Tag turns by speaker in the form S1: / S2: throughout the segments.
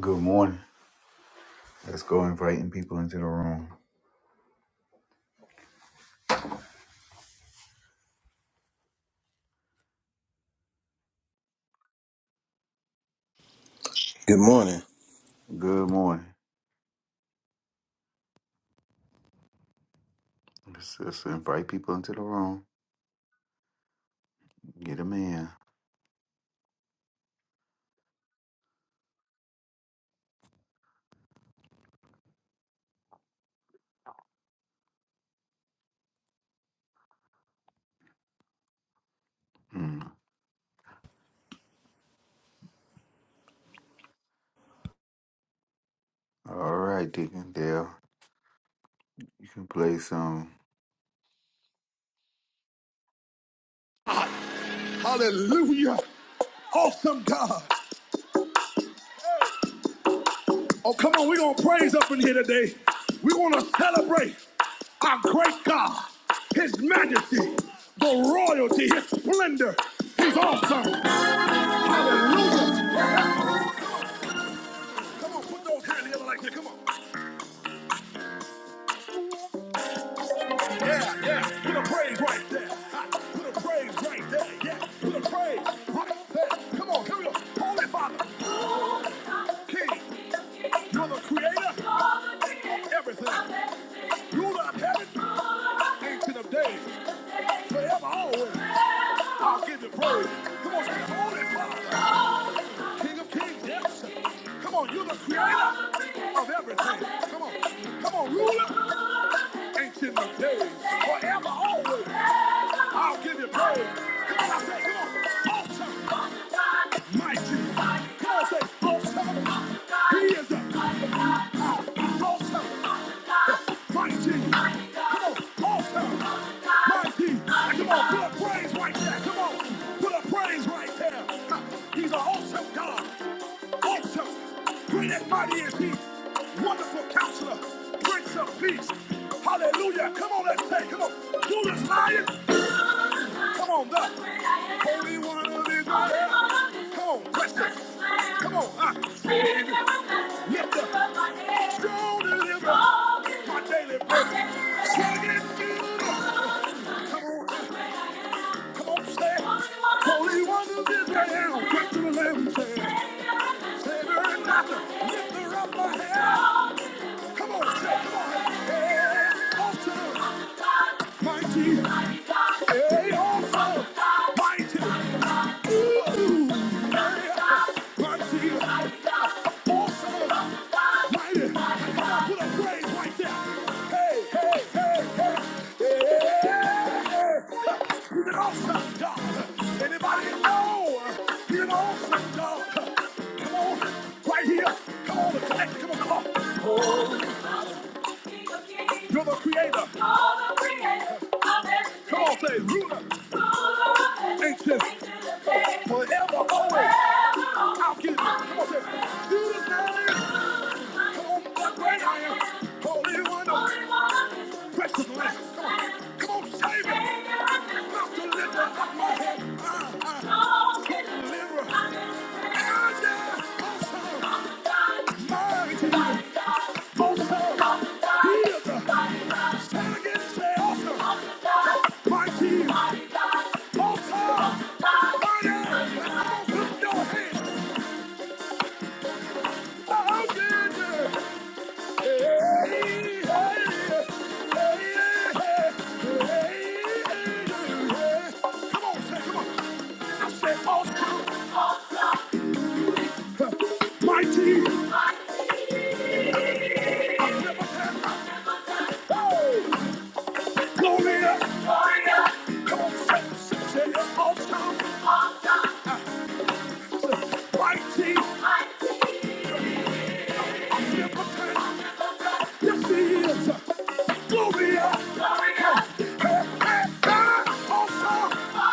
S1: Good morning. Let's go inviting people into the room.
S2: Good morning.
S1: Good morning. Let's, let's invite people into the room. Get them in. Hmm. All right, Deacon Dale. You can play some.
S2: Hallelujah. Awesome God. Oh, come on, we're going to praise up in here today. We're going to celebrate our great God, His majesty, the royalty, His splendor. He's awesome. Hallelujah. Come on, put those hands together like that. Come on. Yeah, yeah. Put a praise right there. Ha, Put a praise right there. Yeah. Put a praise right there. Come on, come on. Holy Father, King, you're the creator. of Everything. you Rule have heaven, ancient of days, forever, always. I'll give you praise. Come on, say, Holy Father. King of kings, yes. Come on, you're the creator of everything. Come on, come on, ruler, ancient of days, forever, always. I'll give you praise. Come on, I say, come on, awesome, mighty. Come on, say, awesome. He is a awesome, mighty. Come on, awesome, mighty. P. Come on, put up praise right there. Come on, put up praise right there. He's an awesome God. Awesome. Great and mighty is He. Wonderful counselor. Prince of peace. Hallelujah. Come on, let's say, come on. do this, Lion. Come on, up. Holy one of Israel. Come on, press it. Come on, ah! Lift up. Strong deliver. My daily bread. Swing it feel Come on, up. Come on, stand. Holy one of Israel. Quick to the left. Stand. Stand her and knock her. Lift her up my hand. Come on, say, come on. Hey, awesome, mighty, hey, awesome, mighty, ooh, hey, mighty, awesome, mighty. put a praise right there. Hey, hey, hey, hey, hey. He's an awesome God. Anybody know? He's an awesome God. Come on, right here. Come on, connect. Come on, come on. You're the creator. All the creator. of everything. Come on, say ruler, ancient, forever, always. I'll give you. Come on, say you deserve it. Come on, the great I am, holy one, of precious lamb. Come on, come on, save it. Not to lift up my head. Ah, ah. Deliverer. Ah, yeah. awesome. Mighty, I've never had. Oh! Gloria, Gloria, come on, say, say it all time. Mighty, omnipotent, yes he is. Gloria, Gloria, hey, hey, hey, awesome.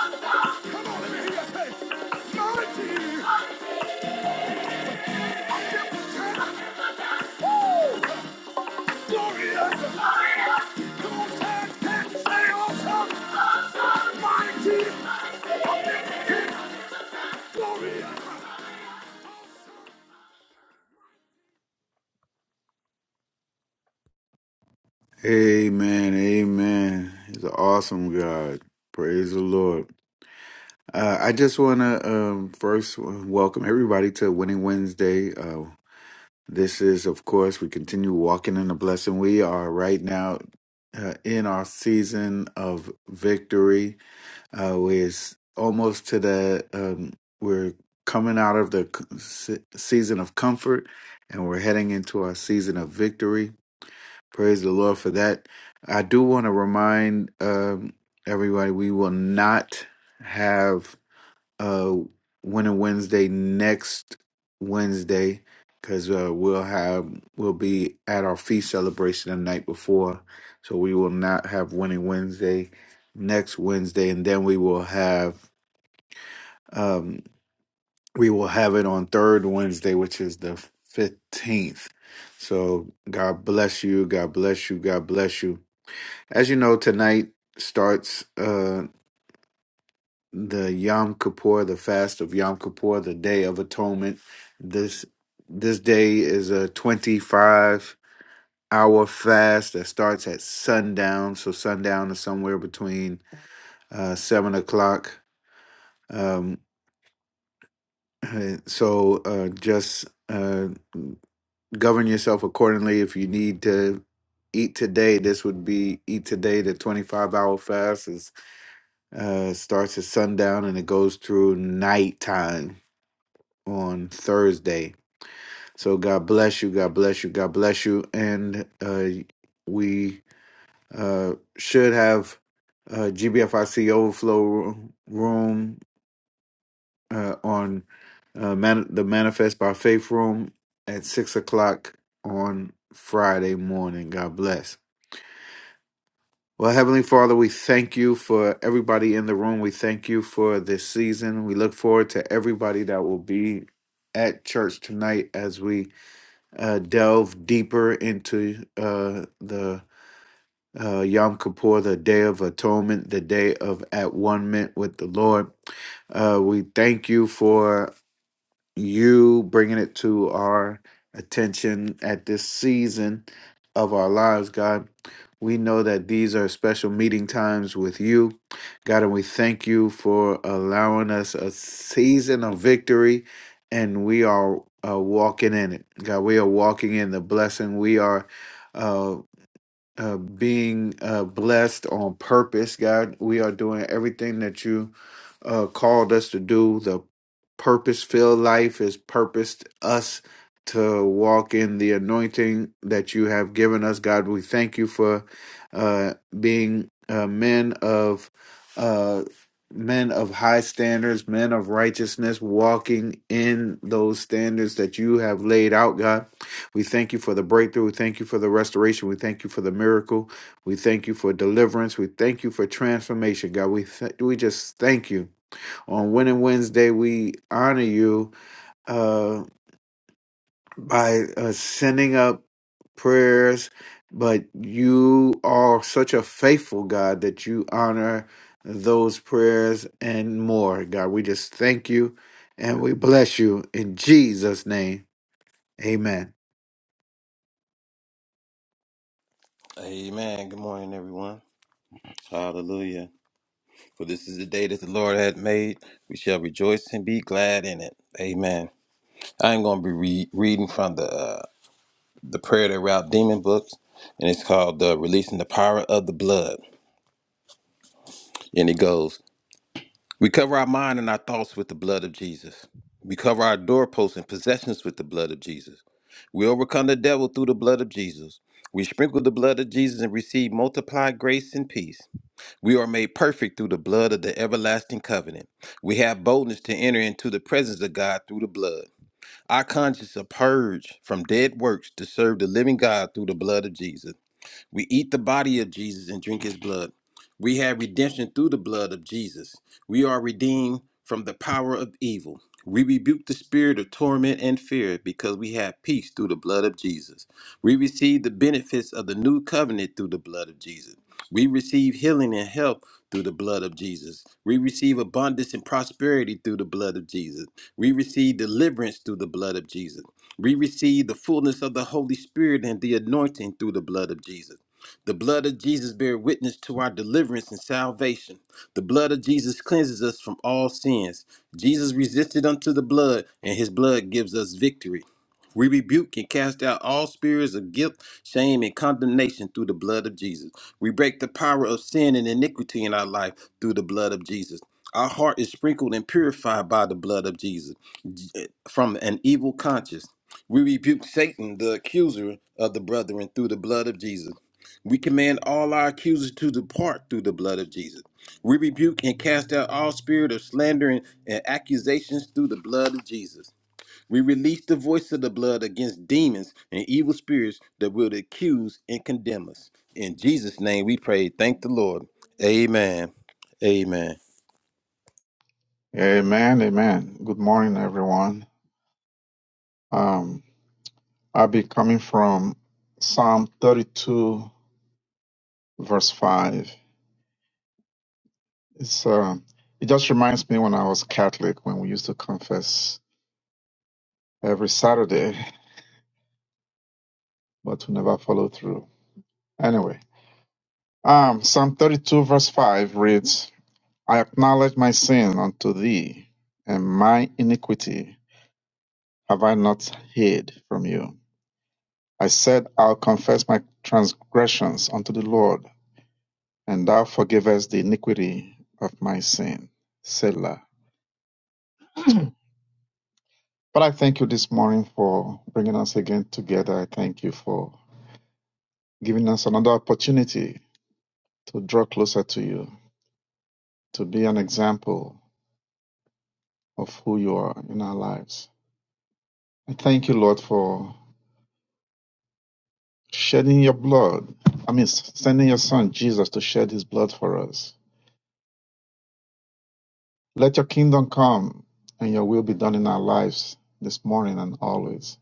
S2: Come on, let me hear you say, mighty, omnipotent, woo, Gloria, Gloria, come on, say, say, say awesome, awesome, mighty, omnipotent, Gloria.
S1: Amen. Amen. He's an awesome God. Praise the Lord. Uh, I just want to um, first welcome everybody to Winning Wednesday. Uh, this is, of course, we continue walking in the blessing. We are right now uh, in our season of victory uh, are almost to the um, we're coming out of the c- se- season of comfort and we're heading into our season of victory praise the lord for that i do want to remind um, everybody we will not have uh Winter Wednesday next Wednesday because uh, we'll have we'll be at our feast celebration the night before, so we will not have Winter Wednesday next Wednesday, and then we will have um we will have it on third Wednesday, which is the fifteenth. So God bless you, God bless you, God bless you. As you know, tonight starts. uh. the Yom Kippur, the fast of Yom Kippur, the Day of Atonement. This this day is a 25 hour fast that starts at sundown. So sundown is somewhere between uh, seven o'clock. Um, so uh, just uh, govern yourself accordingly. If you need to eat today, this would be eat today. The 25 hour fast is uh, starts at sundown and it goes through nighttime on Thursday. So God bless you. God bless you. God bless you. And uh, we uh, should have uh, GBFIC Overflow Room room, uh, on uh, man- the Manifest by Faith Room at 6 o'clock on Friday morning. God bless. Well, Heavenly Father, we thank you for everybody in the room. We thank you for this season. We look forward to everybody that will be at church tonight as we uh, delve deeper into uh, the uh, Yom Kippur, the Day of Atonement, the Day of At One Mint with the Lord. Uh, we thank you for you bringing it to our attention at this season of our lives, God. We know that these are special meeting times with you, God, and we thank you for allowing us a season of victory, and we are uh, walking in it, God. We are walking in the blessing. We are. uh, uh, being uh, blessed on purpose, God. We are doing everything that you uh, called us to do. The purpose filled life is purposed us to walk in the anointing that you have given us, God. We thank you for uh, being uh, men of. Uh, Men of high standards, men of righteousness, walking in those standards that you have laid out, God. We thank you for the breakthrough. We thank you for the restoration. We thank you for the miracle. We thank you for deliverance. We thank you for transformation, God. We th- we just thank you. On Winning Wednesday, we honor you uh, by uh, sending up prayers, but you are such a faithful God that you honor those prayers and more, God. We just thank you and we bless you in Jesus' name. Amen.
S2: Amen. Good morning, everyone. Hallelujah. For this is the day that the Lord hath made. We shall rejoice and be glad in it. Amen. I'm going to be re- reading from the uh, the Prayer That Rout Demon books, and it's called uh, Releasing the Power of the Blood. And it goes, We cover our mind and our thoughts with the blood of Jesus. We cover our doorposts and possessions with the blood of Jesus. We overcome the devil through the blood of Jesus. We sprinkle the blood of Jesus and receive multiplied grace and peace. We are made perfect through the blood of the everlasting covenant. We have boldness to enter into the presence of God through the blood. Our conscience are purged from dead works to serve the living God through the blood of Jesus. We eat the body of Jesus and drink his blood. We have redemption through the blood of Jesus. We are redeemed from the power of evil. We rebuke the spirit of torment and fear because we have peace through the blood of Jesus. We receive the benefits of the new covenant through the blood of Jesus. We receive healing and health through the blood of Jesus. We receive abundance and prosperity through the blood of Jesus. We receive deliverance through the blood of Jesus. We receive the fullness of the Holy Spirit and the anointing through the blood of Jesus. The blood of Jesus bear witness to our deliverance and salvation. The blood of Jesus cleanses us from all sins. Jesus resisted unto the blood, and his blood gives us victory. We rebuke and cast out all spirits of guilt, shame, and condemnation through the blood of Jesus. We break the power of sin and iniquity in our life through the blood of Jesus. Our heart is sprinkled and purified by the blood of Jesus j- eh, from an evil conscience. We rebuke Satan, the accuser of the brethren, through the blood of Jesus. We command all our accusers to depart through the blood of Jesus. We rebuke and cast out all spirit of slander and, and accusations through the blood of Jesus. We release the voice of the blood against demons and evil spirits that will accuse and condemn us. In Jesus' name we pray. Thank the Lord. Amen. Amen.
S3: Amen, amen. Good morning, everyone. Um, I'll be coming from Psalm 32, verse 5. It's uh, it just reminds me when I was Catholic when we used to confess every Saturday, but we never followed through. Anyway, um, Psalm 32, verse 5 reads, "I acknowledge my sin unto thee, and my iniquity have I not hid from you. I said, I'll confess my transgressions unto the Lord." and thou forgivest the iniquity of my sin. Selah. But I thank you this morning for bringing us again together. I thank you for giving us another opportunity to draw closer to you, to be an example of who you are in our lives. I thank you, Lord, for shedding your blood. I mean, sending your son Jesus to shed his blood for us. Let your kingdom come and your will be done in our lives this morning and always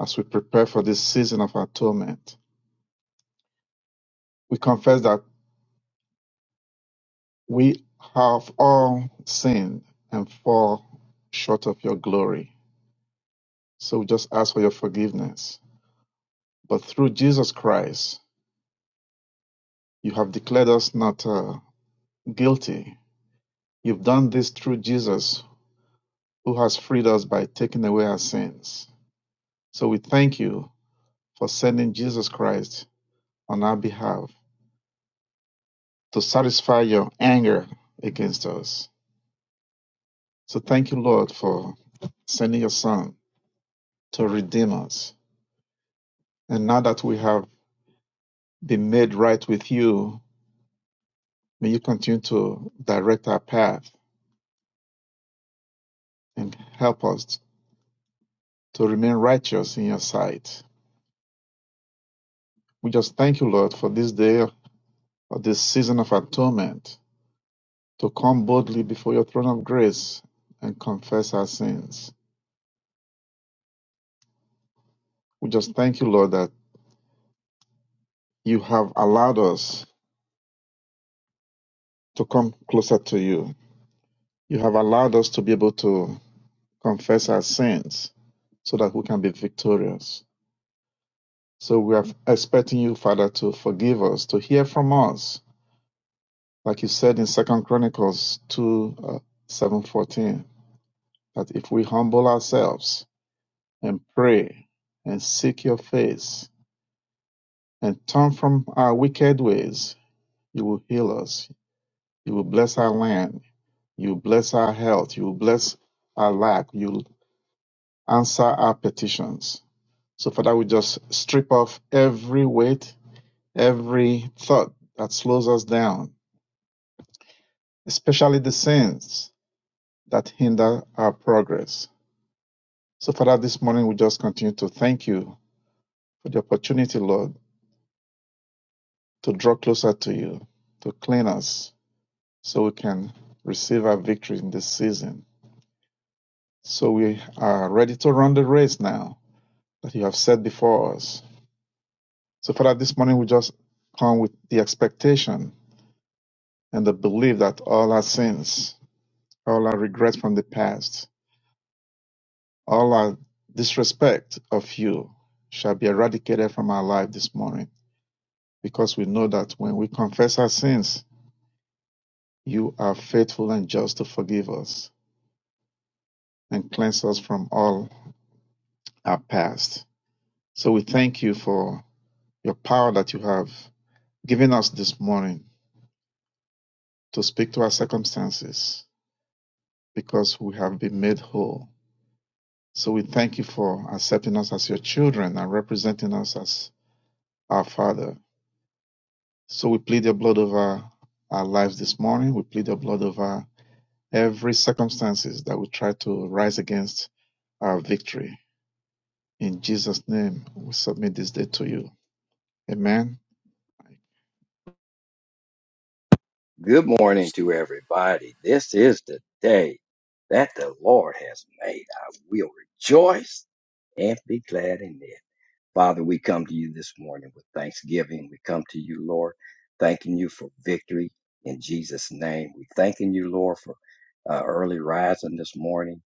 S3: as we prepare for this season of atonement. we confess that we have all sinned and fall short of your glory. So we just ask for your forgiveness. But through Jesus Christ, you have declared us not uh, guilty. You've done this through Jesus, who has freed us by taking away our sins. So we thank you for sending Jesus Christ on our behalf to satisfy your anger against us. So thank you, Lord, for sending your Son to redeem us And now that we have been made right with you, may you continue to direct our path and help us to remain righteous in your sight. We just thank you, Lord, for this day, for this season of atonement, to come boldly before your throne of grace and confess our sins. We just thank you, Lord, that you have allowed us to come closer to you. You have allowed us to be able to confess our sins so that we can be victorious. So we are expecting you, Father, to forgive us, to hear from us, like you said in Second Chronicles two uh, seven fourteen, that if we humble ourselves and pray and seek your face and turn from our wicked ways, you will heal us. You will bless our land. You will bless our health. You will bless our lack. You will answer our petitions. So, Father, we just strip off every weight, every thought that slows us down especially the sins that hinder our progress. So, Father, this morning we just continue to thank you for the opportunity, Lord, to draw closer to you, to clean us so we can receive our victory in this season. So, we are ready to run the race now that you have set before us. So, Father, this morning we just come with the expectation and the belief that all our sins, all our regrets from the past, All our disrespect of you shall be eradicated from our life this morning because we know that when we confess our sins, you are faithful and just to forgive us and cleanse us from all our past. So we thank you for your power that you have given us this morning to speak to our circumstances because we have been made whole. So we thank you for accepting us as your children and representing us as our Father. So we plead your blood over our lives this morning. We plead your blood over every circumstances that we try to rise against our victory. In Jesus' name, we submit this day to you. Amen.
S4: Good morning to everybody. This is the day that the Lord has made. I will rejoice and be glad in it. Father, we come to you this morning with thanksgiving. We come to you, Lord, thanking you for victory in Jesus' name. We thanking you, Lord, for uh, early rising this morning,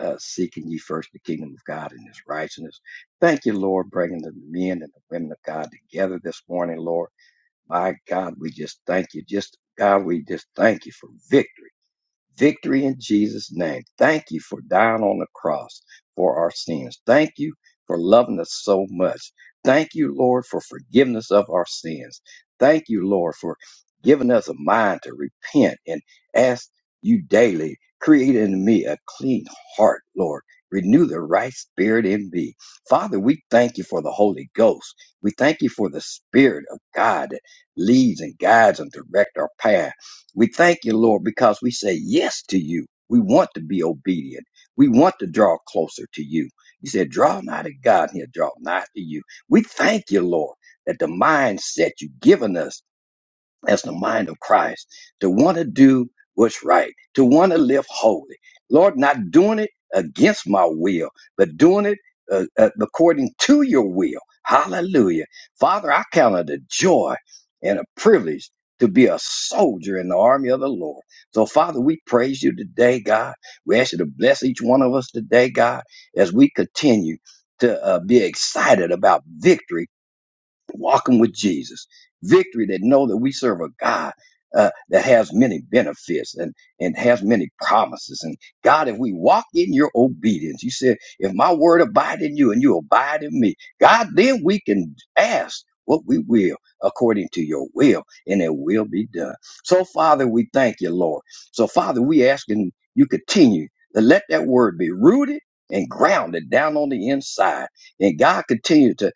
S4: uh, seeking ye first the kingdom of God and his righteousness. Thank you, Lord, bringing the men and the women of God together this morning, Lord. My God, we just thank you. Just God, we just thank you for victory victory in Jesus' name. Thank you for dying on the cross for our sins. Thank you for loving us so much. Thank you, Lord, for forgiveness of our sins. Thank you, Lord, for giving us a mind to repent and ask you daily, create in me a clean heart, Lord. Renew the right spirit in me. Father, we thank you for the Holy Ghost. We thank you for the Spirit of God that leads and guides and directs our path. We thank you, Lord, because we say yes to you. We want to be obedient. We want to draw closer to you. You said, draw nigh to God, and he'll draw nigh to you. We thank you, Lord, that the mindset you've given us that's the mind of Christ to want to do what's right, to want to live holy. Lord, not doing it against my will, but doing it uh, uh, according to your will. Hallelujah. Father, I count it a joy and a privilege to be a soldier in the army of the Lord. So, Father, we praise you today, God. We ask you to bless each one of us today, God, as we continue to uh, be excited about victory walking with Jesus. Victory that know that we serve a God uh, that has many benefits and, and has many promises. And God, if we walk in your obedience, you said, if my word abide in you and you abide in me, God, then we can ask what we will according to your will and it will be done. So Father, we thank you, Lord. So Father, we asking you continue to let that word be rooted and grounded down on the inside. And God continue to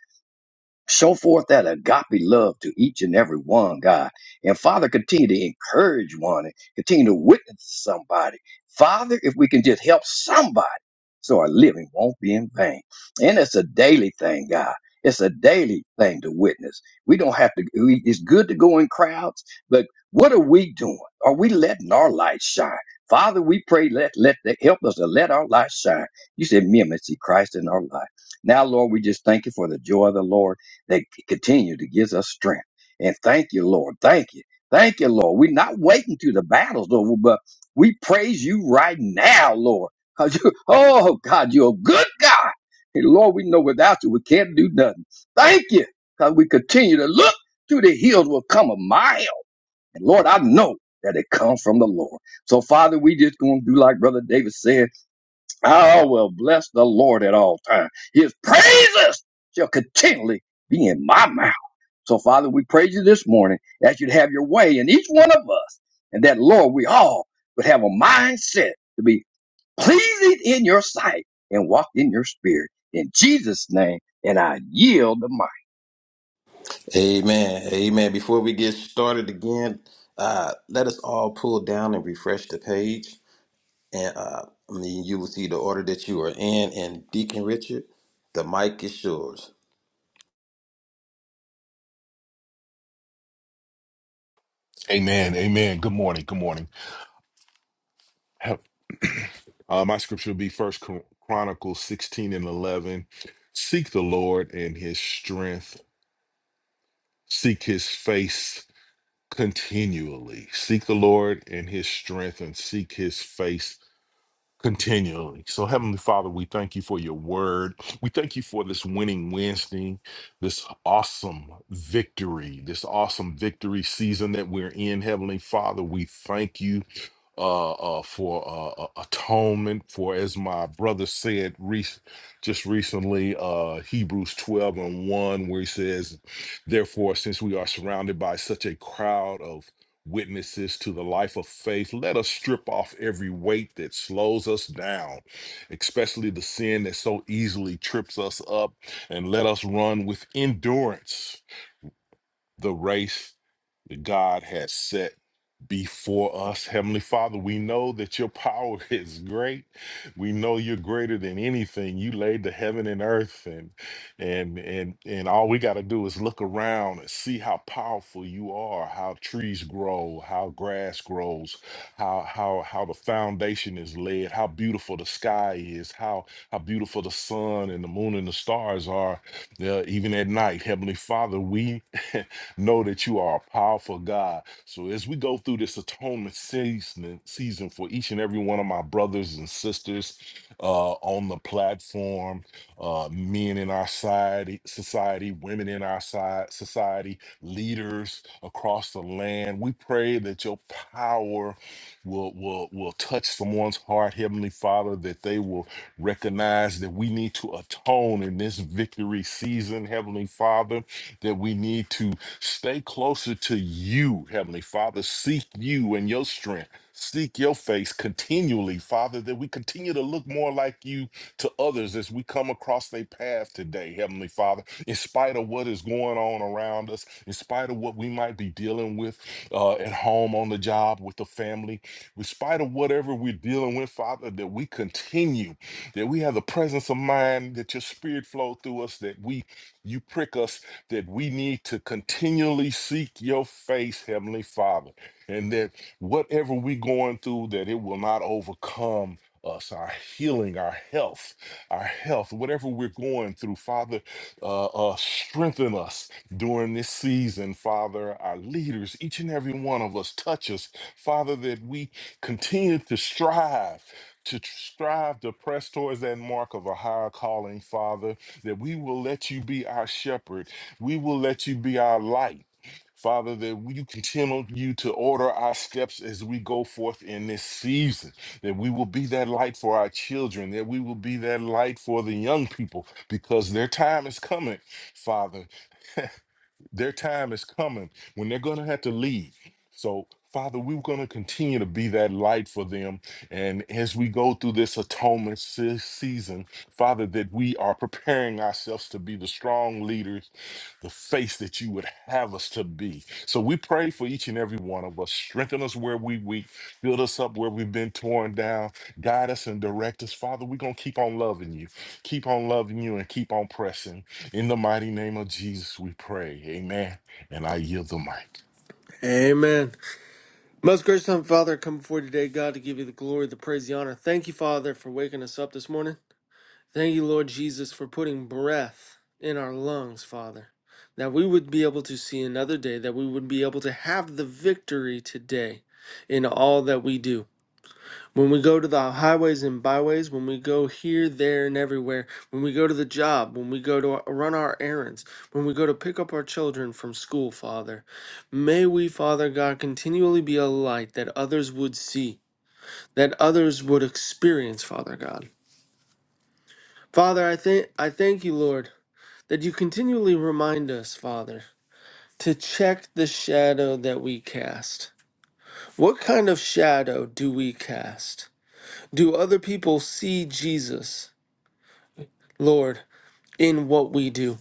S4: Show forth that agape love to each and every one, God. And Father, continue to encourage one and continue to witness to somebody. Father, if we can just help somebody so our living won't be in vain. And it's a daily thing, God. It's a daily thing to witness. We don't have to, we- it's good to go in crowds, but what are we doing? Are we letting our light shine? Father, we pray, let, let, the help us to let our light shine. You said, me and see Christ in our life. Now, Lord, we just thank you for the joy of the Lord that continue to give us strength. And thank you, Lord. Thank you. Thank you, Lord. We're not waiting till the battle's over, but we praise you right now, Lord. Cause you, oh God, you're a good God. And Lord, we know without you, we can't do nothing. Thank you. Cause we continue to look to the hills will come a mile. And Lord, I know that it comes from the Lord. So Father, we just gonna do like Brother David said, I will bless the Lord at all times. His praises shall continually be in my mouth. So, Father, we praise you this morning that you'd have your way in each one of us, and that, Lord, we all would have a mindset to be pleasing in your sight and walk in your spirit. In Jesus' name, and I yield the mic.
S2: Amen. Amen. Before we get started again, uh, let us all pull down and refresh the page. And uh, I mean, you will see the order that you are in. And Deacon Richard, the mic is yours.
S5: Amen. Amen. Good morning. Good morning. Have- Uh, my scripture will be First Chron- Chronicles 16 and 11. Seek the Lord and his strength. Seek his face continually. Seek the Lord and his strength and seek his face continually. So, Heavenly Father, we thank you for your word. We thank you for this winning Wednesday, this awesome victory, this awesome victory season that we're in, Heavenly Father. We thank you uh, uh, for uh, uh, atonement. For as my brother said rec just recently, uh, Hebrews 12 and 1, where he says, Therefore, since we are surrounded by such a crowd of witnesses to the life of faith, let us strip off every weight that slows us down, especially the sin that so easily trips us up, and let us run with endurance the race that God has set before us. Heavenly Father, we know that your power is great. We know you're greater than anything. You laid the heaven and earth and and and and all we got to do is look around and see how powerful you are, how trees grow, how grass grows, how how how the foundation is laid, how beautiful the sky is, how how beautiful the sun and the moon and the stars are uh, even at night. Heavenly Father, we Know that you are a powerful God. So as we go through this atonement season, season for each and every one of my brothers and sisters uh, on the platform, uh, men in our society, society, women in our side, society, leaders across the land, we pray that your power will will will touch someone's heart, Heavenly Father, that they will recognize that we need to atone in this victory season, Heavenly Father, that we need to Stay closer to you, Heavenly Father. Seek you and your strength. Seek your face continually, Father, that we continue to look more like you to others as we come across their path today, Heavenly Father. In spite of what is going on around us, in spite of what we might be dealing with uh, at home, on the job, with the family, in spite of whatever we're dealing with, Father, that we continue, that we have the presence of mind, that your spirit flow through us, that we you prick us that we need to continually seek your face, Heavenly Father, and that whatever we're going through, that it will not overcome us, our healing, our health, our health, whatever we're going through, Father, uh, uh, strengthen us during this season, Father, our leaders, each and every one of us, touch us, Father, that we continue to strive to strive to press towards that mark of a higher calling, Father, that we will let you be our shepherd. We will let you be our light. Father, that we- you continue you to order our steps as we go forth in this season, that we will be that light for our children, that we will be that light for the young people, because their time is coming, Father. Their time is coming when they're going to have to leave. So, Father, we're going to continue to be that light for them. And as we go through this atonement se- season, Father, that we are preparing ourselves to be the strong leaders, the face that you would have us to be. So we pray for each and every one of us. Strengthen us where we weak, build us up where we've been torn down, guide us and direct us. Father, we're going to keep on loving you, keep on loving you, and keep on pressing. In the mighty name of Jesus, we pray. Amen. And I yield the mic.
S6: Amen. Most gracious Heavenly Father, I come before you today, God, to give you the glory, the praise, the honor. Thank you, Father, for waking us up this morning. Thank you, Lord Jesus, for putting breath in our lungs, Father, that we would be able to see another day, that we would be able to have the victory today in all that we do. When we go to the highways and byways, when we go here, there, and everywhere, when we go to the job, when we go to run our errands, when we go to pick up our children from school, Father, may we, Father God, continually be a light that others would see, that others would experience, Father God. Father, I thank I thank you, Lord, that you continually remind us, Father, to check the shadow that we cast. What kind of shadow do we cast? Do other people see Jesus? Lord, in what we do?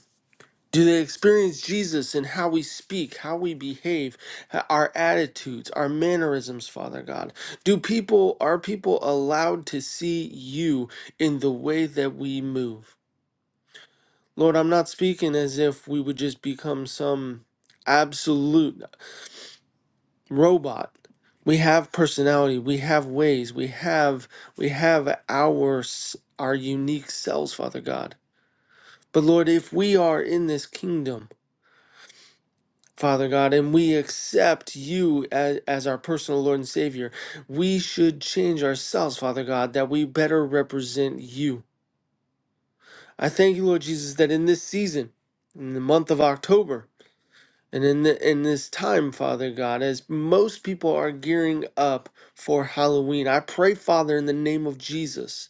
S6: Do they experience Jesus in how we speak, how we behave, our attitudes, our mannerisms, Father God? Do people are people allowed to see you in the way that we move? Lord, I'm not speaking as if we would just become some absolute robot. We have personality, we have ways, we have we have our s- our unique selves, Father God. But Lord, if we are in this kingdom, Father God, and we accept you as, as our personal Lord and Savior. We should change ourselves, Father God, that we better represent you. I thank you, Lord Jesus, that in this season, in the month of October, and in the, in this time, Father God, as most people are gearing up for Halloween, I pray, Father, in the name of Jesus,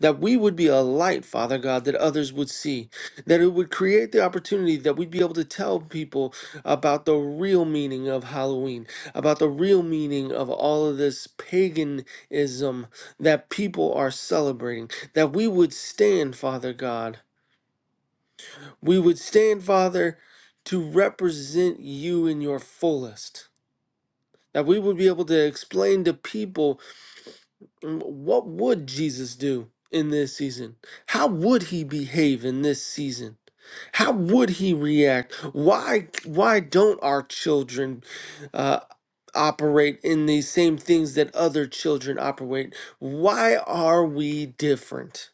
S6: that we would be a light, Father God, that others would see, that it would create the opportunity that we'd be able to tell people about the real meaning of Halloween, about the real meaning of all of this paganism that people are celebrating, that we would stand, Father God. We would stand, Father, to represent you in your fullest. That we would be able to explain to people Mm, What would Jesus do in this season? How would he behave in this season? How would he react? Why why don't our children uh, operate in these same things that other children operate? Why are we different,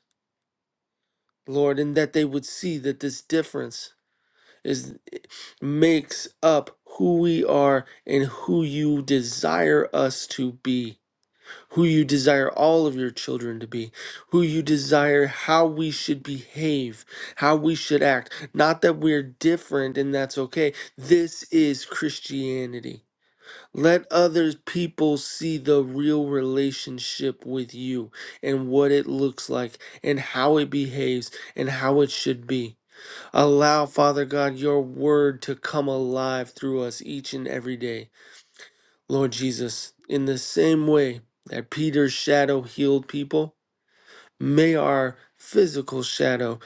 S6: Lord? And that they would see that this difference is makes up who we are and who you desire us to be who you desire all of your children to be, who you desire how we should behave, how we should act. Not that we're different and that's okay. This is Christianity. Let other people see the real relationship with you and what it looks like and how it behaves and how it should be. Allow, Father God, your word to come alive through us each and every day. Lord Jesus, in the same way that Peter's shadow healed people, may our physical shadow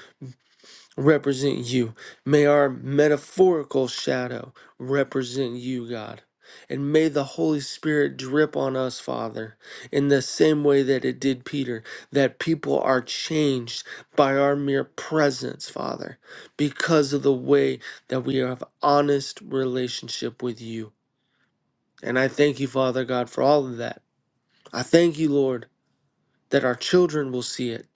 S6: represent you. May our metaphorical shadow represent you, God. And may the Holy Spirit drip on us, Father, in the same way that it did Peter, that people are changed by our mere presence, Father, because of the way that we have honest relationship with you. And I thank you, Father God, for all of that. I thank you, Lord, that our children will see it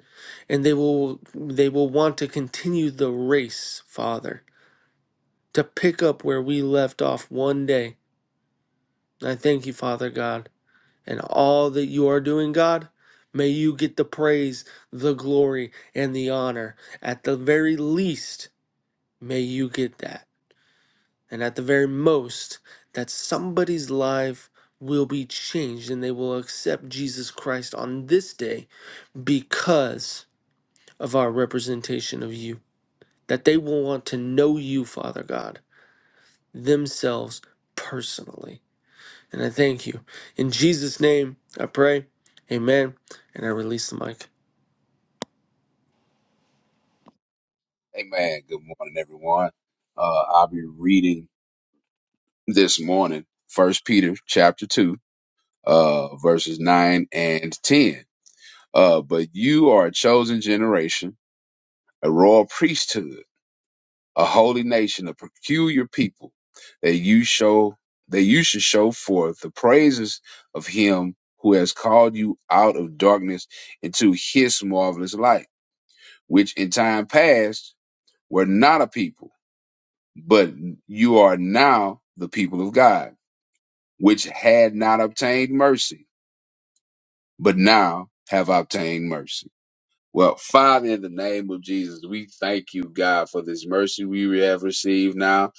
S6: and they will they will want to continue the race, Father, to pick up where we left off one day. I thank you, Father God, and all that you are doing, God. May you get the praise, the glory, and the honor. At the very least, may you get that. And at the very most, that somebody's life will be changed and they will accept Jesus Christ on this day because of our representation of you, that they will want to know you, Father God, themselves personally. And I thank you. In Jesus' name, I pray. Amen. And I release the mic.
S7: Amen. Good morning, everyone. Uh, I'll be reading this morning, First Peter chapter two, uh, verses nine and ten. Uh, but you are a chosen generation, a royal priesthood, a holy nation, a peculiar people, that you show that you should show forth the praises of Him who has called you out of darkness into His marvelous light, which in time past were not a people but you are now the people of God, which had not obtained mercy, but now have obtained mercy. Well, Father, in the name of Jesus, we thank you, God, for this mercy we have received now.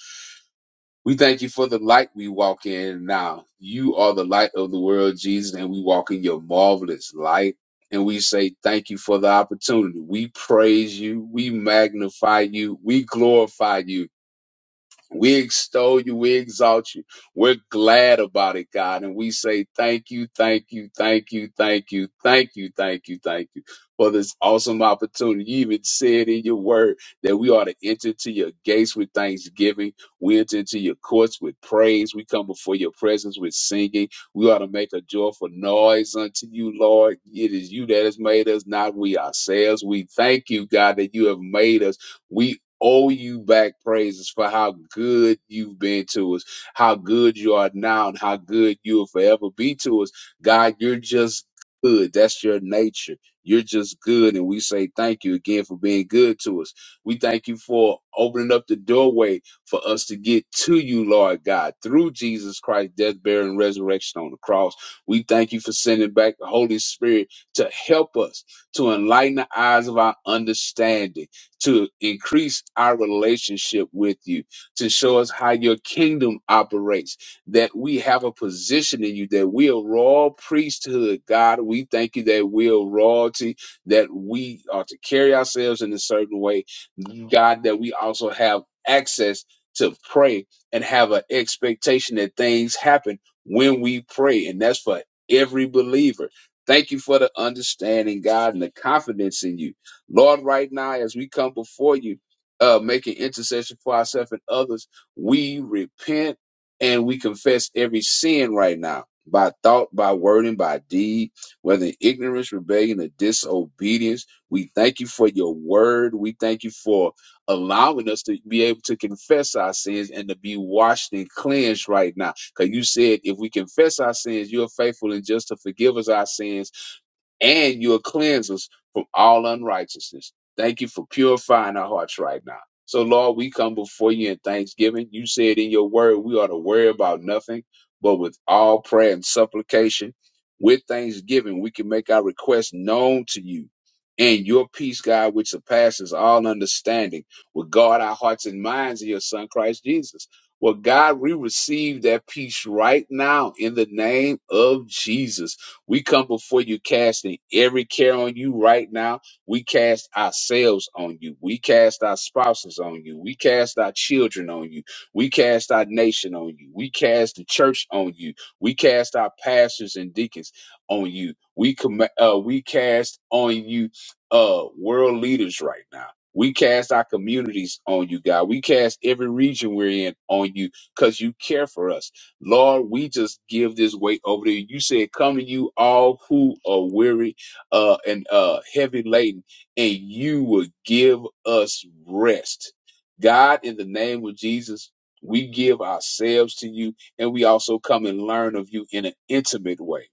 S7: We thank you for the light we walk in now. You are the light of the world, Jesus, and we walk in your marvelous light. And we say thank you for the opportunity. We praise you. We magnify you. We glorify you We extol you. We exalt you. We're glad about it, God. And we say thank you, thank you, thank you, thank you, thank you, thank you, thank you for this awesome opportunity. You even said in your word that we ought to enter to your gates with thanksgiving. We enter into your courts with praise. We come before your presence with singing. We ought to make a joyful noise unto you, Lord. It is you that has made us, not we ourselves. We thank you, God, that you have made us. We owe you back praises for how good you've been to us, how good you are now, and how good you will forever be to us. God, you're just good. That's your nature. You're just good. And we say thank you again for being good to us. We thank you for opening up the doorway for us to get to you, Lord God, through Jesus Christ, death, burial, and resurrection on the cross. We thank you for sending back the Holy Spirit to help us, to enlighten the eyes of our understanding to increase our relationship with you, to show us how your kingdom operates, that we have a position in you, that we are royal priesthood, God. We thank you that we are royalty, that we are to carry ourselves in a certain way, God, that we also have access to pray and have an expectation that things happen when we pray, and that's for every believer. Thank you for the understanding, God, and the confidence in you Lord, right now, as we come before you, uh, making intercession for ourselves and others, we repent and we confess every sin right now by thought, by word, and by deed, whether in ignorance, rebellion, or disobedience. We thank you for your word. We thank you for allowing us to be able to confess our sins and to be washed and cleansed right now. Because you said if we confess our sins, you're faithful and just to forgive us our sins and you'll cleanse us from all unrighteousness. Thank you for purifying our hearts right now. So, Lord, we come before you in thanksgiving. You said in your word, we ought to worry about nothing, but with all prayer and supplication, with thanksgiving, we can make our requests known to you. And your peace, God, which surpasses all understanding, will guard our hearts and minds in your Son, Christ Jesus. Well, God, we receive that peace right now in the name of Jesus. We come before you casting every care on you right now. We cast ourselves on you. We cast our spouses on you. We cast our children on you. We cast our nation on you. We cast the church on you. We cast our pastors and deacons on you. We com- uh, we cast on you uh world leaders right now. We cast our communities on you, God. We cast every region we're in on you because you care for us Lord, we just give this weight over to you. You said, Come to you all who are weary uh, and uh, heavy laden, and you will give us rest. God, in the name of Jesus, we give ourselves to you, and we also come and learn of you in an intimate way.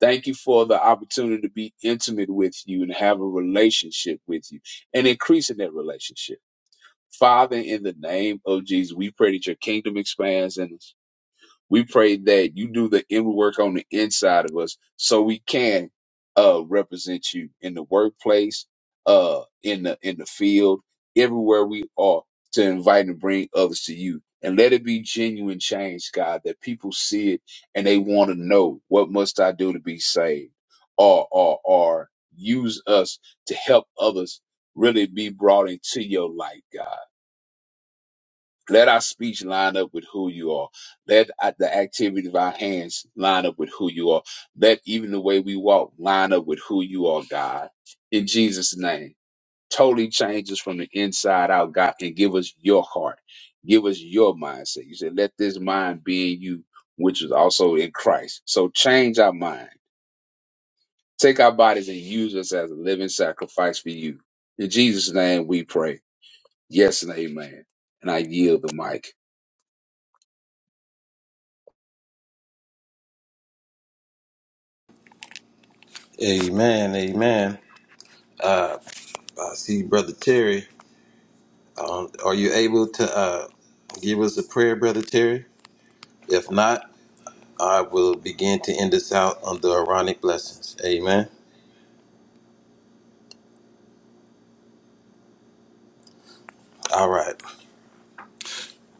S7: Thank you for the opportunity to be intimate with you and have a relationship with you and increase in that relationship. Father, in the name of Jesus, we pray that your kingdom expands in us we pray that you do the inner work on the inside of us so we can uh, represent you in the workplace, uh, in the in the field, everywhere we are to invite and bring others to you. And let it be genuine change, God, that people see it and they want to know what must I do to be saved? Or or or use us to help others really be brought into your light, God let our speech line up with who you are. Let uh, the activity of our hands line up with who you are. Let even the way we walk line up with who you are, God. In Jesus' name, totally change us from the inside out, God, and give us your heart. Give us your mindset. You said, let this mind be in you, which is also in Christ. So change our mind. Take our bodies and use us as a living sacrifice for you. In Jesus' name we pray. Yes and amen. And I yield the mic.
S2: Amen. Amen. I see Brother Terry. Um, are you able to uh, give us a prayer, Brother Terry? If not, I will begin to end this out on the Aaronic blessings. Amen. All right.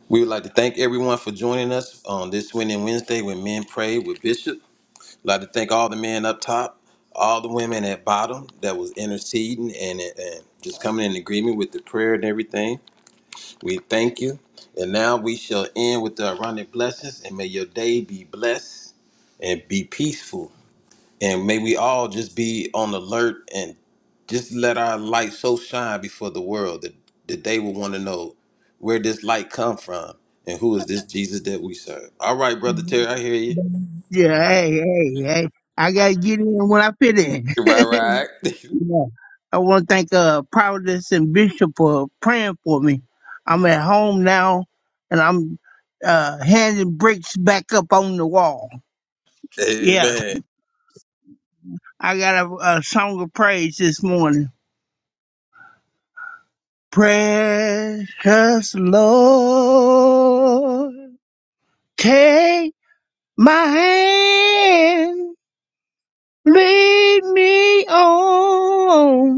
S2: We would like to thank everyone for joining us on this winning Wednesday when men pray with Bishop. I'd like to thank all the men up top, all the women at bottom that was interceding and, and just coming in agreement with the prayer and everything. We thank you. And now we shall end with the ironic blessings and may your day be blessed and be peaceful. And may we all just be on alert and just let our light so shine before the world that, that they will want to know where this light come from and who is this Jesus that we serve. All right, Brother Terry, I hear you.
S8: Yeah, hey, hey, hey. I gotta get in when I fit in.
S2: Right, right.
S8: yeah. I wanna thank uh Providence and Bishop for praying for me. I'm at home now and I'm uh handing bricks back up on the wall. Yeah.
S2: Amen.
S8: I got a, a song of praise this morning. Precious Lord, take my hand, lead me on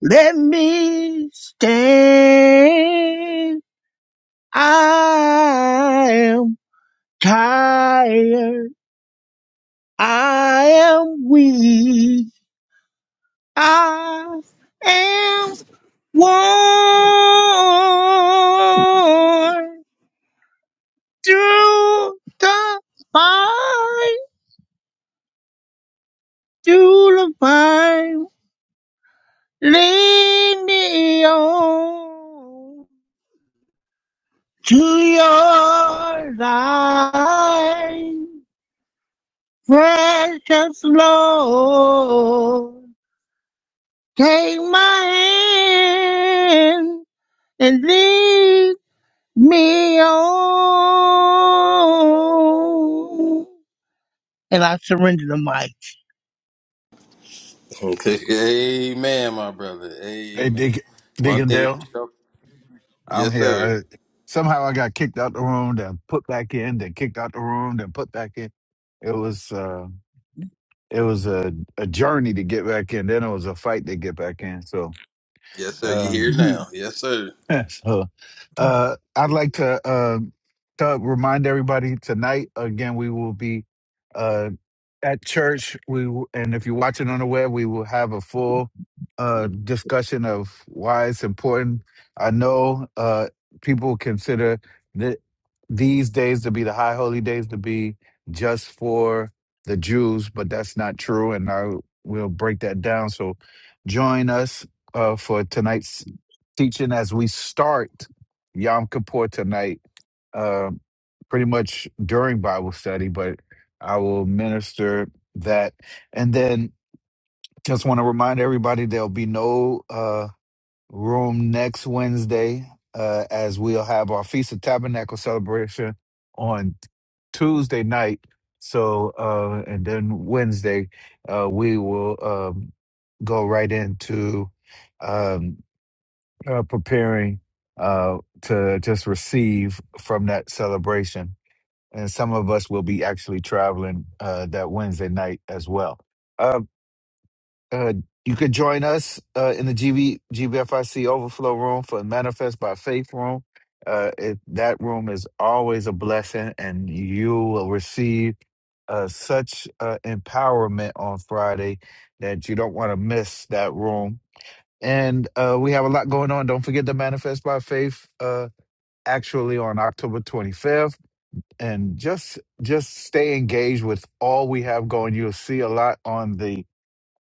S8: Let me stand. I am tired. I am weak. I am worn through the fire, through the fire. Lead me on to your light. Precious Lord, take my hand and lead me on. And I surrender the mic.
S2: Okay. Amen, my brother.
S1: Hey,
S2: Amen.
S1: Deacon,
S2: One
S1: Deacon
S2: thing for
S1: Dale.
S2: sure.
S1: I'm
S2: Yes,
S1: here.
S2: sir.
S1: I, somehow I got kicked out the room, then put back in, then kicked out the room, then put back in. It was uh, it was a, a journey to get back in. Then it was a fight to get back in. So
S2: Yes, sir. You
S1: um,
S2: here now. Yes, sir.
S1: so uh, I'd like to uh, to remind everybody tonight again. We will be. uh, at church we w- and if you're watching on the web we will have a full uh discussion of why it's important i know uh people consider that these days to be the high holy days to be just for the jews but that's not true and i will break that down so join us uh for tonight's teaching as we start yom kippur tonight um pretty much during bible study but I will minister that. And then just want to remind everybody there'll be no uh, room next Wednesday uh, as we'll have our Feast of Tabernacle celebration on Tuesday night. So, uh, and then Wednesday, uh, we will um, go right into um, uh, preparing uh, to just receive from that celebration and some of us will be actually traveling uh, that Wednesday night as well. Uh, uh, you could join us uh, in the GB, GBFIC Overflow Room for Manifest by Faith Room. Uh, it, that room is always a blessing, and you will receive uh, such uh, empowerment on Friday that you don't want to miss that room. And uh, we have a lot going on. Don't forget the Manifest by Faith uh, actually on October 25th and just just stay engaged with all we have going. You'll see a lot on the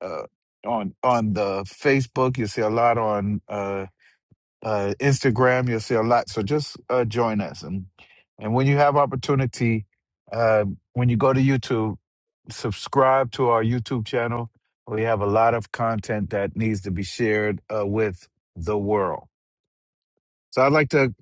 S1: uh, on on the Facebook. You'll see a lot on uh, uh, Instagram. You'll see a lot. So just uh, join us, and and when you have opportunity, uh, when you go to YouTube, subscribe to our YouTube channel. We have a lot of content that needs to be shared uh, with the world. So I'd like to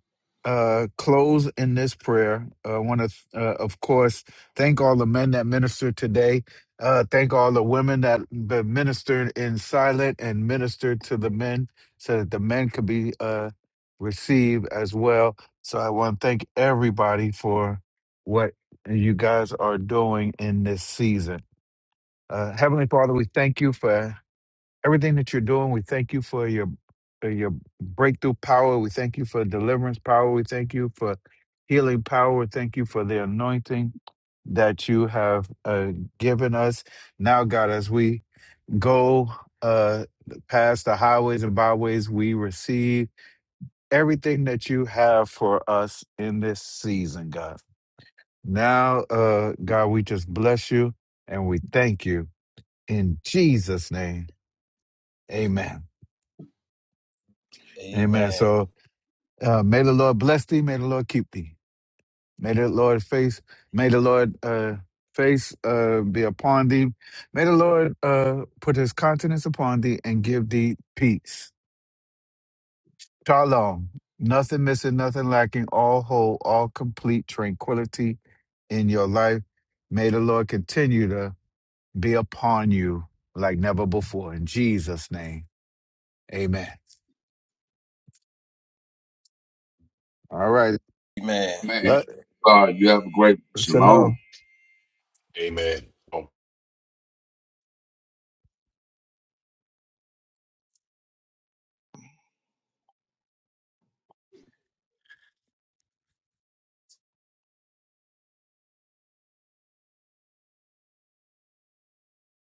S1: uh, close in this prayer. Uh, I want to, uh, of course, thank all the men that ministered today. Uh, thank all the women that that ministered in silent and ministered to the men so that the men could be uh, received as well. So I want to thank everybody for what you guys are doing in this season. Uh, Heavenly Father, we thank you for everything that you're doing. We thank you for your for your breakthrough power. We thank you for deliverance power. We thank you for healing power. We thank you for the anointing that you have uh, given us. Now, God, as we go uh, past the highways and byways, we receive everything that you have for us in this season, God. Now, uh, God, we just bless you and we thank you in Jesus' name. Amen. Amen.
S2: Amen.
S1: So, Uh, may the Lord bless thee. May the Lord keep thee. May the Lord face. May the Lord uh, face uh, be upon thee. May the Lord uh, put His countenance upon thee and give thee peace. Shalom. Nothing missing, nothing lacking. All whole, all complete tranquility in your life. May the Lord continue to be upon you like never before. In Jesus' name, Amen. All right.
S2: Amen.
S7: Man,
S1: Lo-
S7: God, you have a great shalom.
S1: Shalom.
S5: Amen.